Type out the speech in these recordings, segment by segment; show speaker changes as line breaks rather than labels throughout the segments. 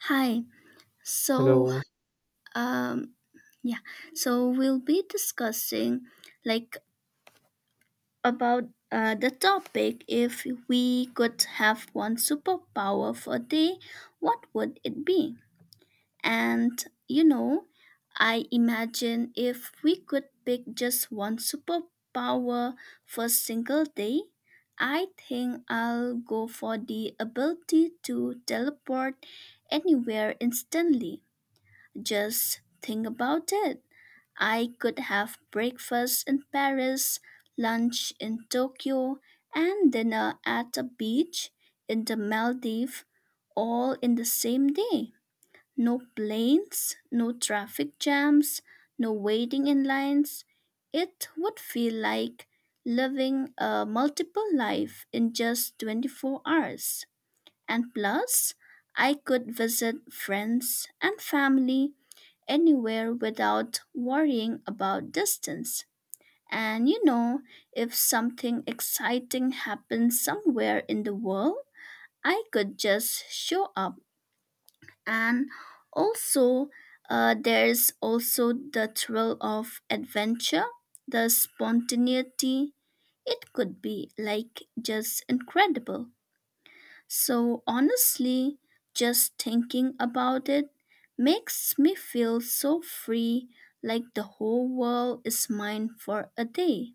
Hi. So,
Hello.
um, yeah. So we'll be discussing like about the topic. If we could have one superpower for a day, what would it be? And you know, I imagine if we could pick just one superpower for a single day, I think I'll go for the ability to teleport anywhere instantly. Just think about it. I could have breakfast in Paris, lunch in Tokyo, and dinner at a beach in the Maldives all in the same day. No planes, no traffic jams, no waiting in lines. It would feel like living a multiple life in just 24 hours. And plus, I could visit friends and family anywhere without worrying about distance. And you know, if something exciting happens somewhere in the world, I could just show up. And also, there's also the thrill of adventure, the spontaneity. It could be like just incredible. So honestly, just thinking about it makes me feel so free, like the whole world is mine for a day.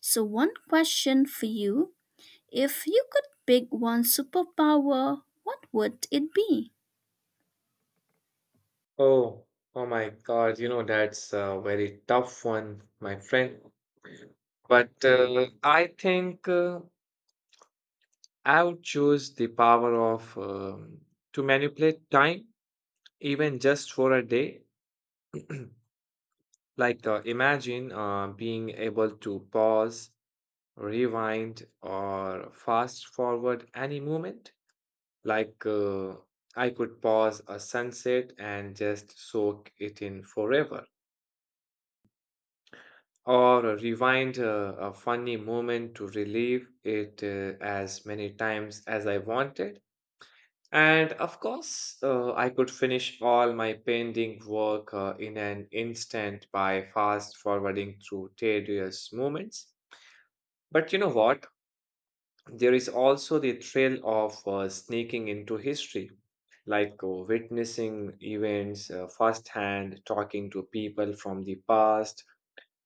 So, one question for you, if you could pick one superpower, what would it be?
Oh, oh my God, you know, that's a very tough one, my friend. But I think I would choose the power of to manipulate time, even just for a day. Imagine being able to pause, rewind, or fast forward any moment. Like, uh, I could pause a sunset and just soak it in forever or rewind a funny moment to relive it as many times as I wanted. And of course, I could finish all my pending work in an instant by fast forwarding through tedious moments. But you know what? There is also the thrill of sneaking into history, like witnessing events firsthand, talking to people from the past,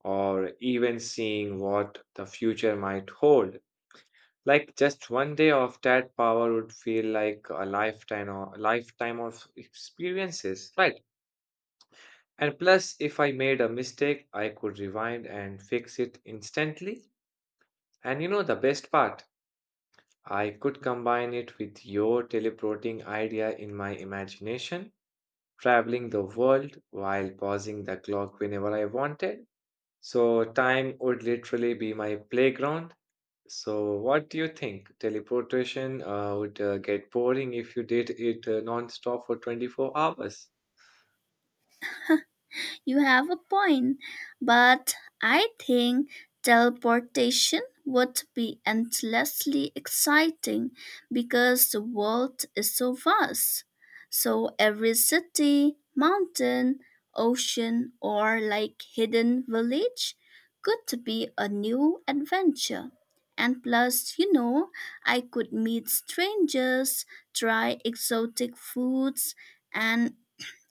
or even seeing what the future might hold. Like just one day of that power would feel like a lifetime or lifetime of experiences, right? And plus, if I made a mistake, I could rewind and fix it instantly. And you know the best part, I could combine it with your teleporting idea in my imagination, traveling the world while pausing the clock whenever I wanted. So time would literally be my playground. So, what do you think? Teleportation would get boring if you did it non-stop for 24 hours.
You have a point, but I think teleportation would be endlessly exciting because the world is so vast. So every city, mountain, ocean, or like hidden village could be a new adventure. And plus, you know, I could meet strangers, try exotic foods, and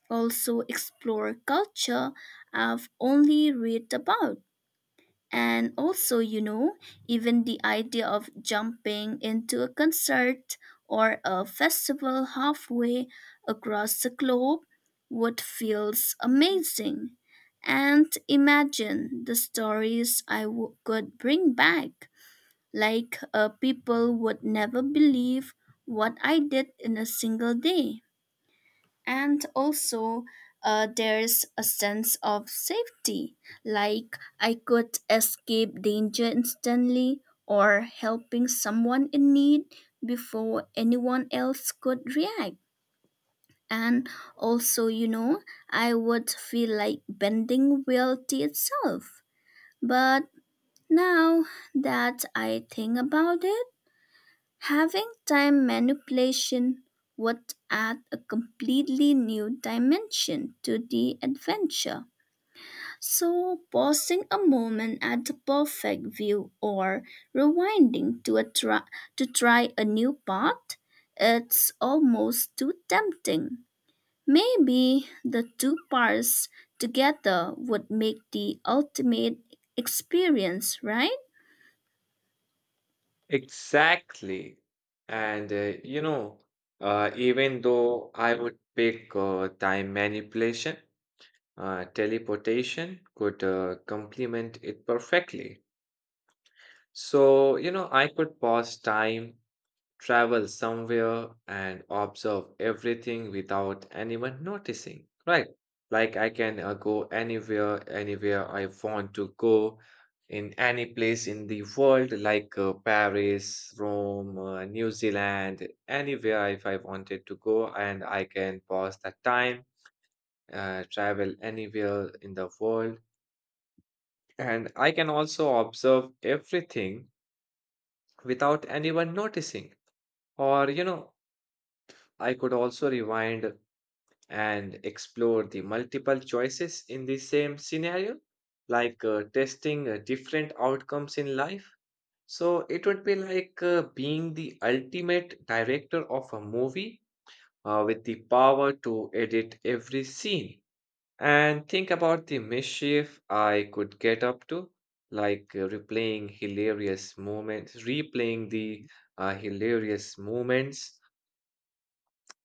also explore culture I've only read about. And also, you know, even the idea of jumping into a concert or a festival halfway across the globe would feels amazing. And imagine the stories could bring back. Like people would never believe what I did in a single day. And also there's a sense of safety, like I could escape danger instantly or helping someone in need before anyone else could react. And also, you know, I would feel like bending reality itself. But now that I think about it, having time manipulation would add a completely new dimension to the adventure. So, pausing a moment at the perfect view or rewinding to, a try, to try a new path, it's almost too tempting. Maybe the two parts together would make the ultimate experience, right?
Exactly. And you know, even though I would pick time manipulation, teleportation could complement it perfectly. So, you know, I could pause time, travel somewhere and observe everything without anyone noticing, right? Like I can go anywhere, anywhere I want to go in any place in the world, like Paris, Rome, New Zealand, anywhere if I wanted to go, and I can pause the time, travel anywhere in the world. And I can also observe everything without anyone noticing. Or, you know, I could also rewind and explore the multiple choices in the same scenario, like testing different outcomes in life. So it would be like being the ultimate director of a movie with the power to edit every scene. And think about the mischief I could get up to, like replaying hilarious moments, replaying the hilarious moments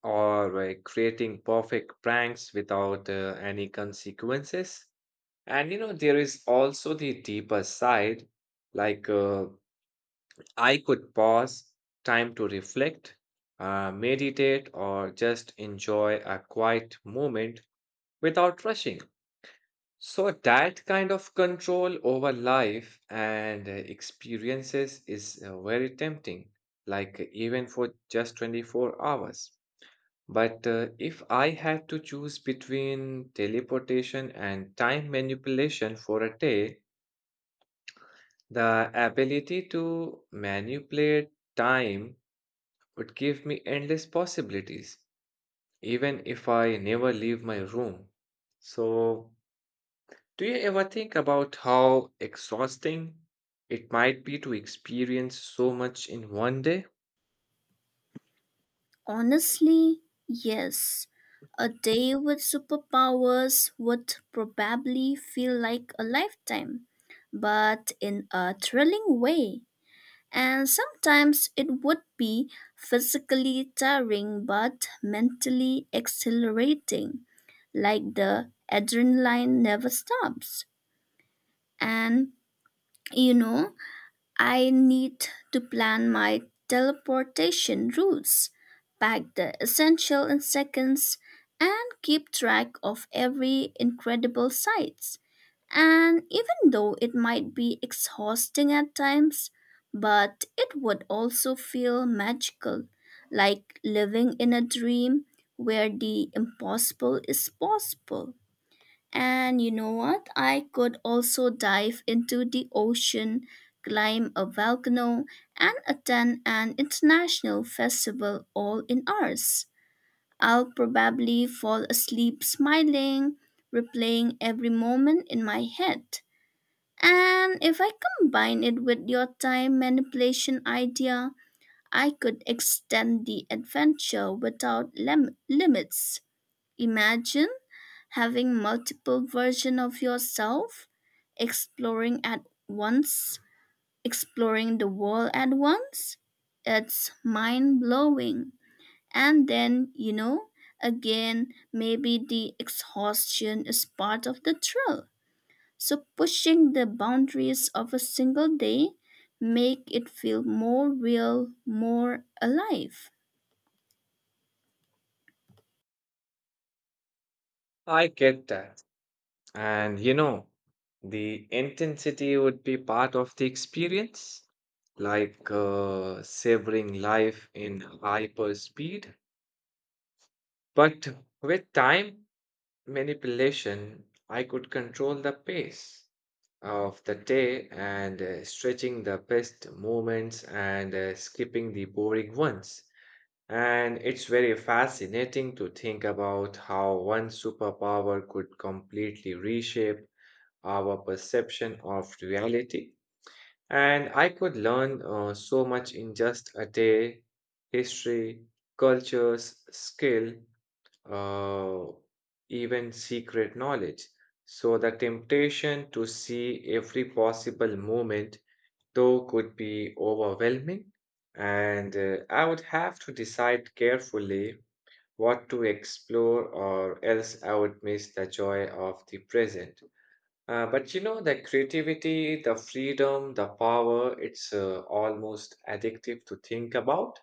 or creating perfect pranks without any consequences. And you know, there is also the deeper side, like I could pause, time to reflect, meditate, or just enjoy a quiet moment without rushing. So, that kind of control over life and experiences is very tempting, like even for just 24 hours. But if I had to choose between teleportation and time manipulation for a day, the ability to manipulate time would give me endless possibilities, even if I never leave my room. So, do you ever think about how exhausting it might be to experience so much in one day?
Honestly, yes. A day with superpowers would probably feel like a lifetime, but in a thrilling way. And sometimes it would be physically tiring but mentally exhilarating, like the adrenaline never stops. And you know, I need to plan my teleportation routes, pack the essential in seconds, and keep track of every incredible sight. And even though it might be exhausting at times, but it would also feel magical, like living in a dream where the impossible is possible. And you know what? I could also dive into the ocean, climb a volcano, and attend an international festival all in hours. I'll probably fall asleep smiling, replaying every moment in my head. And if I combine it with your time manipulation idea, I could extend the adventure without limits. Imagine having multiple versions of yourself, exploring at once, exploring the world at once. It's mind blowing. And then, you know, again, maybe the exhaustion is part of the thrill. So pushing the boundaries of a single day make it feel more real, more alive.
I get that. And you know, the intensity would be part of the experience, like savoring life in hyper speed. But with time manipulation, I could control the pace of the day and stretching the best moments and skipping the boring ones. And it's very fascinating to think about how one superpower could completely reshape our perception of reality. And I could learn so much in just a day, history, cultures, skill, uh, even secret knowledge. So the temptation to see every possible moment, though, could be overwhelming. And I would have to decide carefully what to explore, or else I would miss the joy of the present. But you know, the creativity, the freedom, the power, it's almost addictive to think about.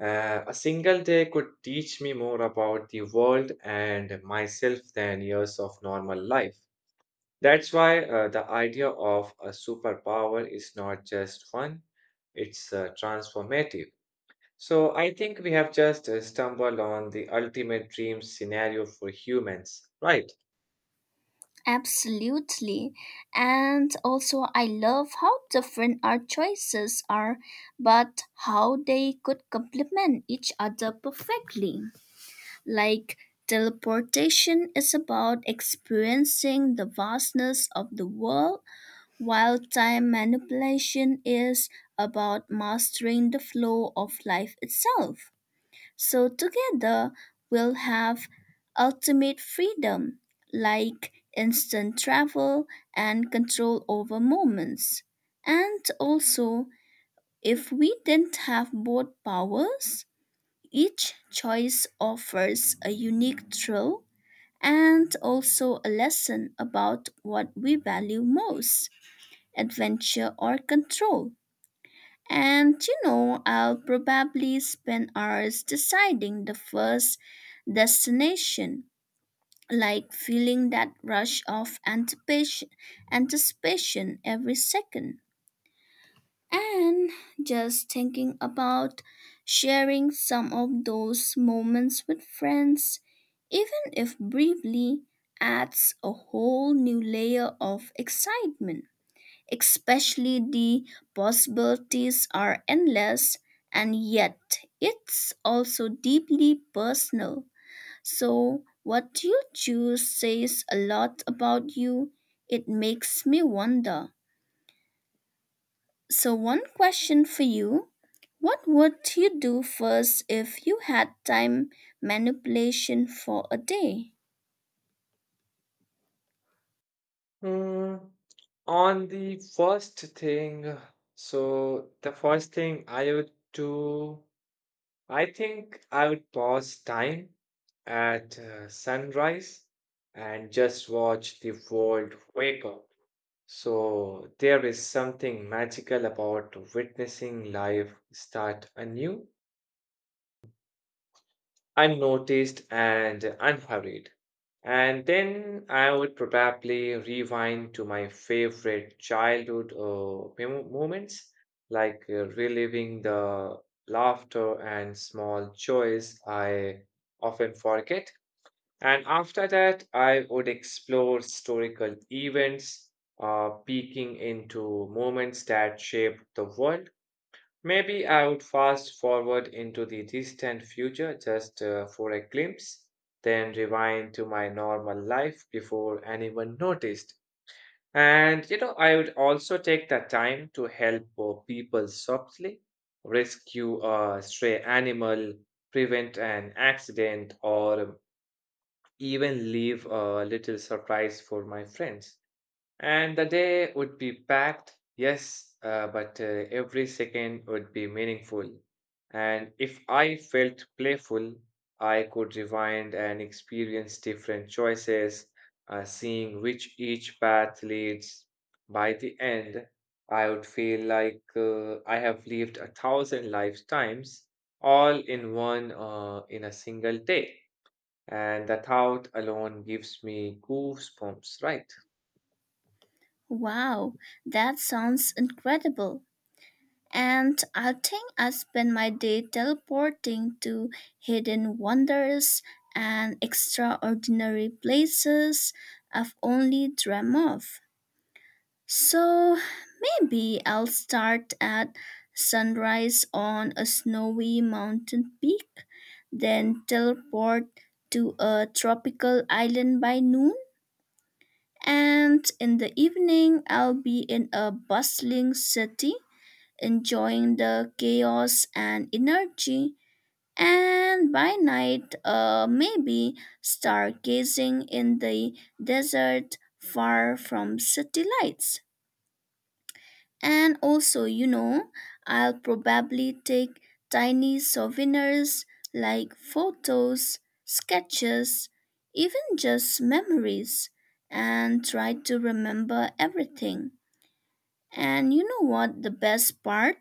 A single day could teach me more about the world and myself than years of normal life. That's why the idea of a superpower is not just fun, it's transformative. So I think we have just stumbled on the ultimate dream scenario for humans, right?
Absolutely. And also, I love how different our choices are, but how they could complement each other perfectly. Like, teleportation is about experiencing the vastness of the world, while time manipulation is about mastering the flow of life itself. So together we'll have ultimate freedom, like instant travel and control over moments. And also, if we didn't have both powers, each choice offers a unique thrill and also a lesson about what we value most, adventure or control. And you know, I'll probably spend hours deciding the first destination, like feeling that rush of anticipation every second. And just thinking about sharing some of those moments with friends, even if briefly, adds a whole new layer of excitement, especially the possibilities are endless and yet it's also deeply personal. So, what you choose says a lot about you. It makes me wonder. So, one question for you, what would you do first if you had time manipulation for a day?
Hmm. On the first thing, so the first thing I would do, I think I would pause time at sunrise and just watch the world wake up. So there is something magical about witnessing life start anew, unnoticed and unhurried. And then I would probably rewind to my favorite childhood moments, like reliving the laughter and small joys I often forget. And after that, I would explore historical events, peeking into moments that shaped the world. Maybe I would fast forward into the distant future just for a glimpse, then rewind to my normal life before anyone noticed. And you know, I would also take the time to help people softly, rescue a stray animal, prevent an accident, or even leave a little surprise for my friends. And the day would be packed, yes, but every second would be meaningful. And if I felt playful, I could rewind and experience different choices, seeing which each path leads. By the end, I would feel like I have lived a thousand lifetimes, all in one, in a single day. And the thought alone gives me goosebumps, right?
Wow, that sounds incredible. And I think I spend my day teleporting to hidden wonders and extraordinary places I've only dreamt of. So maybe I'll start at sunrise on a snowy mountain peak, then teleport to a tropical island by noon, and in the evening I'll be in a bustling city enjoying the chaos and energy, and by night, maybe stargazing in the desert far from city lights. And also, you know, I'll probably take tiny souvenirs like photos, sketches, even just memories, and try to remember everything. And you know what the best part?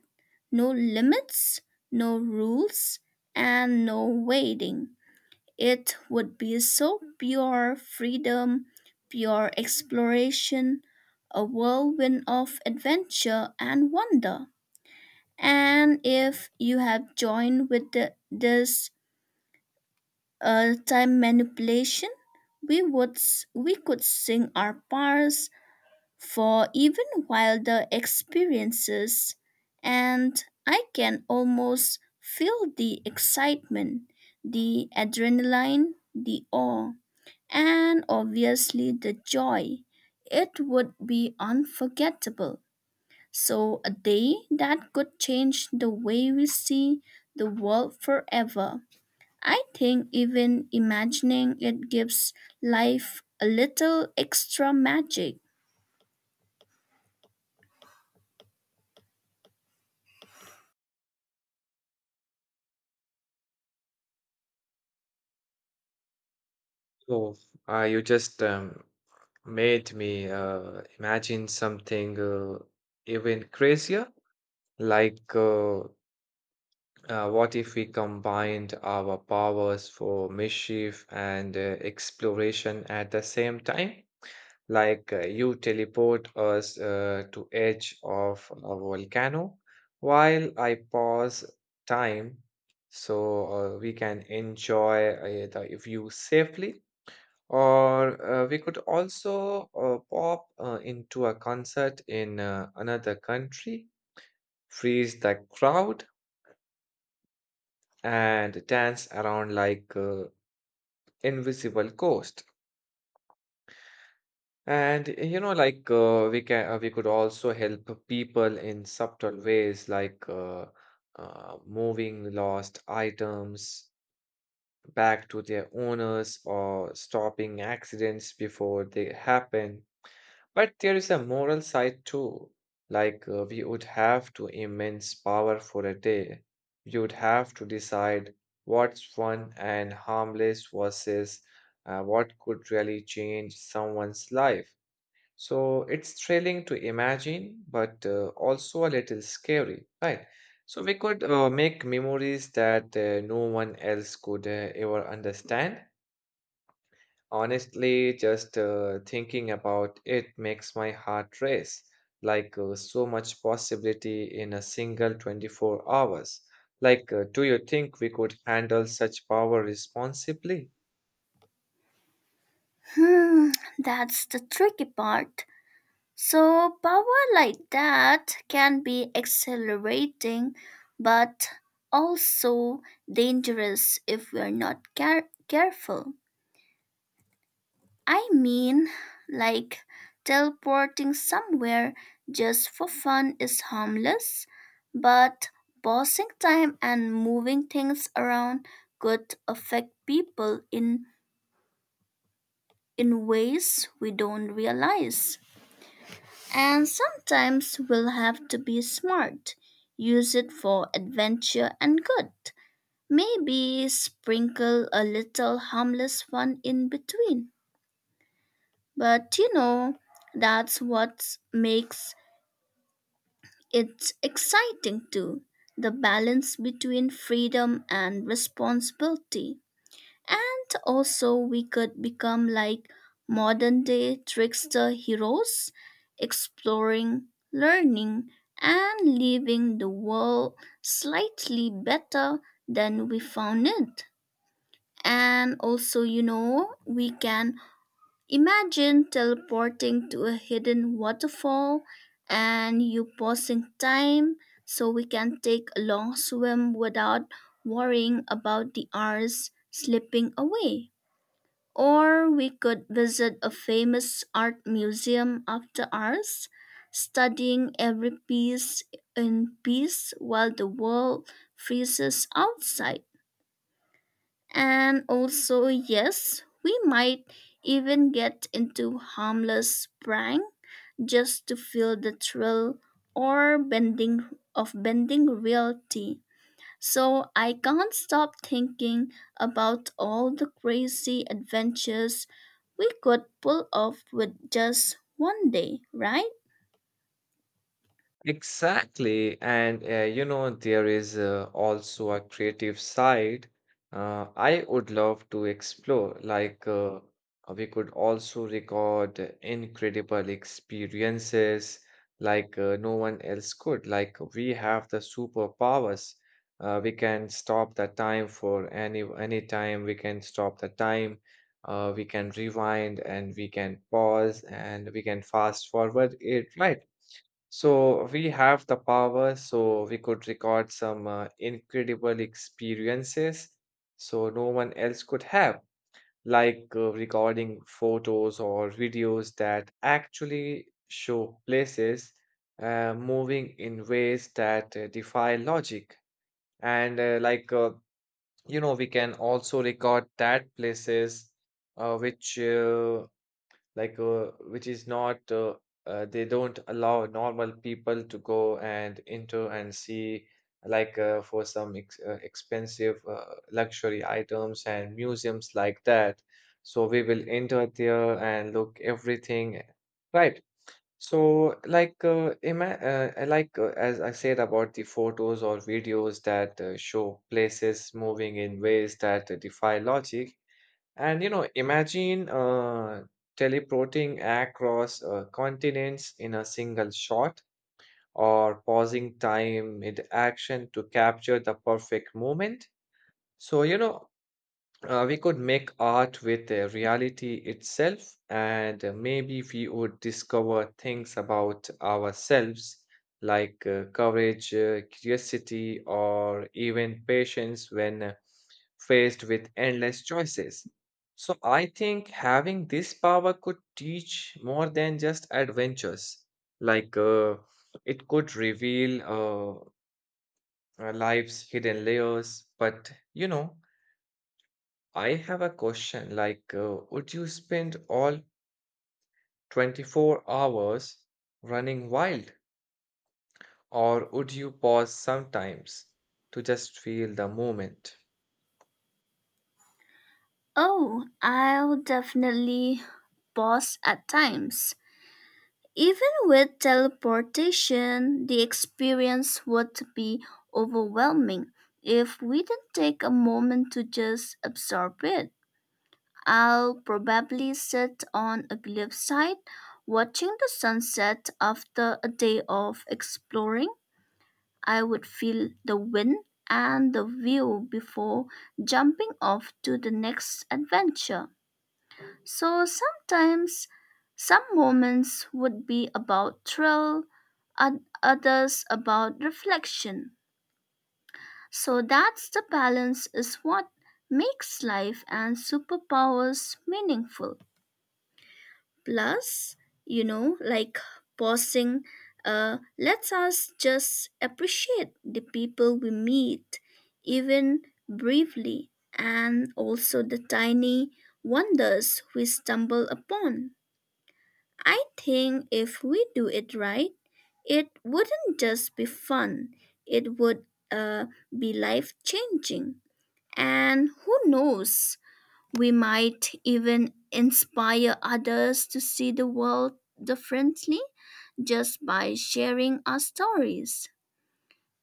No limits, no rules, and no waiting. It would be so pure freedom, pure exploration, a whirlwind of adventure and wonder. And if you have joined with the, this time manipulation, we could sing our parts for even wilder experiences, and I can almost feel the excitement, the adrenaline, the awe, and obviously the joy. It would be unforgettable. So, a day that could change the way we see the world forever. I think even imagining it gives life a little extra magic.
So, you just made me imagine something even crazier. Like, uh, what if we combined our powers for mischief and exploration at the same time? You teleport us to edge of a volcano, while I pause time so we can enjoy the view safely. Or we could also pop into a concert in another country, freeze the crowd, and dance around like invisible ghost. And you know, like we could also help people in subtle ways, like moving lost items back to their owners or stopping accidents before they happen. But there is a moral side too. We would have to immense power for a day. We would have to decide what's fun and harmless versus what could really change someone's life. So it's thrilling to imagine, but also a little scary, right? So we could make memories that no one else could ever understand. Honestly, just thinking about it makes my heart race, like so much possibility in a single 24 hours. Do you think we could handle such power responsibly?
Hmm, that's the tricky part. So, power like that can be exhilarating, but also dangerous if we're not careful. I mean, like teleporting somewhere just for fun is harmless, but pausing time and moving things around could affect people in ways we don't realize. And sometimes we'll have to be smart, use it for adventure and good. Maybe sprinkle a little harmless fun in between. But you know, that's what makes it exciting too, the balance between freedom and responsibility. And also, we could become like modern day trickster heroes, exploring, learning, and leaving the world slightly better than we found it. And also, you know, we can imagine teleporting to a hidden waterfall and you pausing time so we can take a long swim without worrying about the hours slipping away. Or we could visit a famous art museum after ours, studying every piece in peace while the world freezes outside. And also, yes, we might even get into harmless prank just to feel the thrill or bending reality. So I can't stop thinking about all the crazy adventures we could pull off with just one day, right?
Exactly. And you know, there is also a creative side I would love to explore. We could also record incredible experiences like no one else could. Like, we have the superpowers. We can stop the time for any time. We can stop the time. We can rewind and we can pause and we can fast forward it, right? So we have the power, so we could record some incredible experiences so no one else could have, like recording photos or videos that actually show places moving in ways that defy logic. And you know, we can also record that places uh, which uh, which is not they don't allow normal people to go and enter and see like for some ex expensive luxury items and museums like that. So we will enter there and look everything, right? So like ima I like as I said about the photos or videos that show places moving in ways that defy logic. And you know, imagine teleporting across continents in a single shot or pausing time mid action to capture the perfect moment. So, you know, we could make art with reality itself, and maybe we would discover things about ourselves like courage, curiosity, or even patience when faced with endless choices. So, I think having this power could teach more than just adventures. Like, uh, it could reveal our life's hidden layers, but you know, I have a question like, would you spend all 24 hours running wild, or would you pause sometimes to just feel the moment?
Oh, I'll definitely pause at times. Even with teleportation, the experience would be overwhelming if we didn't take a moment to just absorb it. I'll probably sit on a cliffside watching the sunset after a day of exploring. I would feel the wind and the view before jumping off to the next adventure. So sometimes some moments would be about thrill, others about reflection. So that's the balance is what makes life and superpowers meaningful. Plus, you know, like pausing lets us just appreciate the people we meet, even briefly, and also the tiny wonders we stumble upon. I think if we do it right, it wouldn't just be fun, it would uh, be life changing. And who knows, we might even inspire others to see the world differently just by sharing our stories.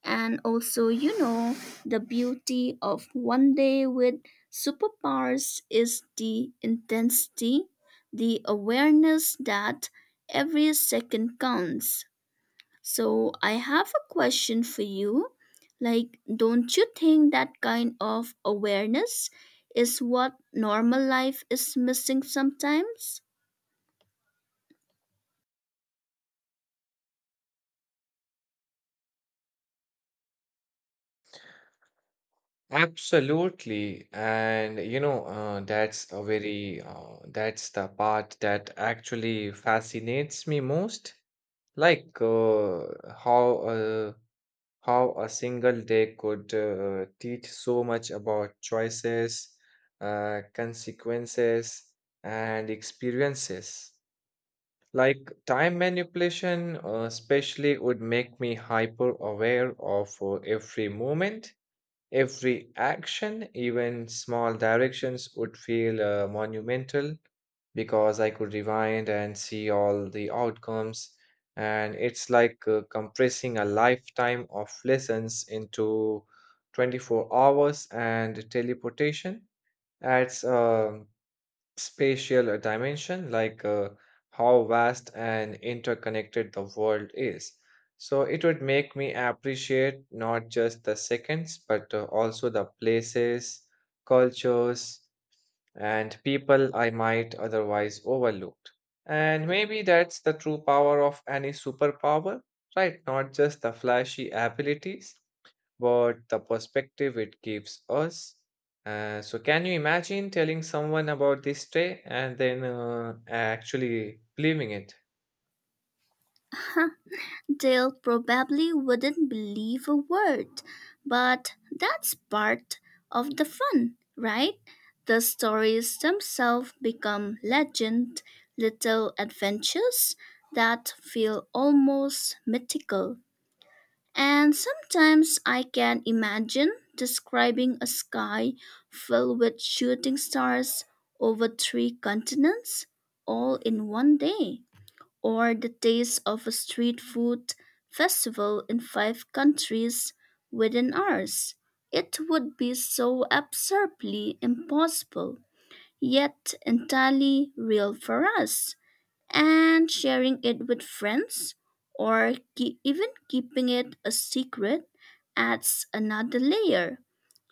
And also, you know, the beauty of one day with superpowers is the intensity, the awareness that every second counts. So I have a question for you. Like, don't you think that kind of awareness is what normal life is missing sometimes?
Absolutely. And you know, that's that's the part that actually fascinates me most. Like, uh, how, uh, how a single day could teach so much about choices, consequences, and experiences. Like time manipulation, especially, would make me hyper aware of every moment. Every action, even small directions, would feel monumental because I could rewind and see all the outcomes. And it's like compressing a lifetime of lessons into 24 hours, and teleportation adds a spatial dimension, like how vast and interconnected the world is. So it would make me appreciate not just the seconds, but also the places, cultures, and people I might otherwise overlooked. And maybe that's the true power of any superpower, right? Not just the flashy abilities, but the perspective it gives us. So, can you imagine telling someone about this day and then actually believing it?
They'll probably wouldn't believe a word, but that's part of the fun, right? The stories themselves become legend, little adventures that feel almost mythical. And sometimes I can imagine describing a sky filled with shooting stars over 3 continents all in one day, or the taste of a street food festival in 5 countries within ours. It would be so absurdly impossible, yet entirely real for us, and sharing it with friends or even keeping it a secret adds another layer,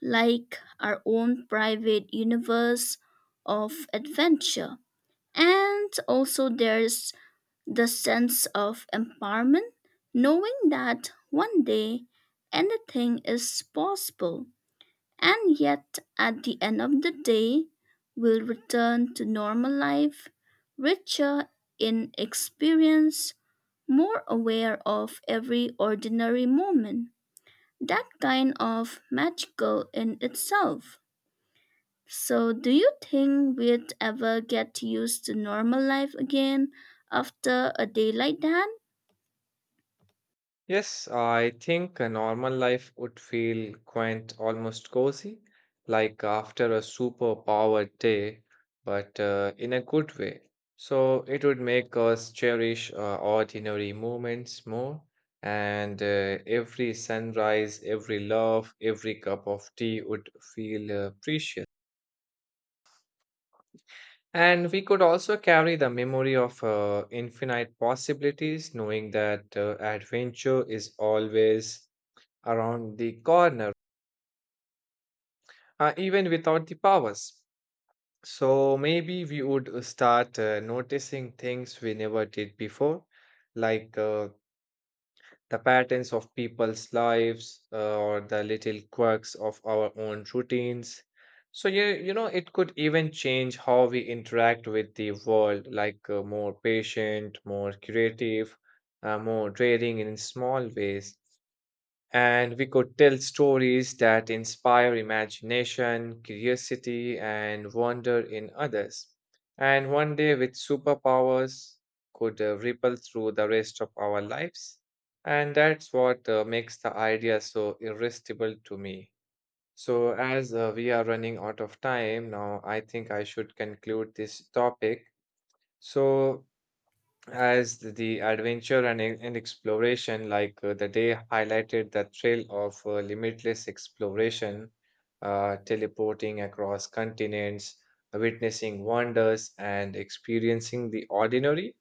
like our own private universe of adventure. And also, there's the sense of empowerment, knowing that one day anything is possible. And yet, at the end of the day, we'll return to normal life, richer in experience, more aware of every ordinary moment. That kind of magical in itself. So, do you think we'd ever get used to normal life again after a day like that?
Yes, I think a normal life would feel quaint, almost cozy, like after a super powered day, but in a good way. So it would make us cherish ordinary moments more, and every sunrise, every love, every cup of tea would feel precious. And we could also carry the memory of infinite possibilities, knowing that adventure is always around the corner, even without the powers. So maybe we would start noticing things we never did before, like the patterns of people's lives or the little quirks of our own routines. So you know, it could even change how we interact with the world, like more patient, more creative, more daring in small ways, and we could tell stories that inspire imagination, curiosity, and wonder in others. And one day, with superpowers, could ripple through the rest of our lives. And that's what makes the idea so irresistible to me. So, as we are running out of time now, I think I should conclude this topic. So, as the adventure and and exploration, like the day highlighted the thrill of limitless exploration, teleporting across continents, witnessing wonders, and experiencing the ordinary,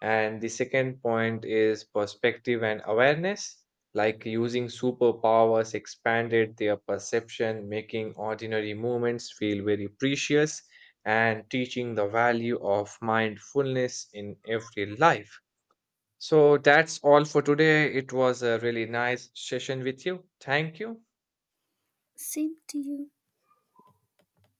and the second point is perspective and awareness, using superpowers expanded their perception, making ordinary moments feel very precious and teaching the value of mindfulness in every life. So that's all for today. It was a really nice session with you. Thank you.
Same to you.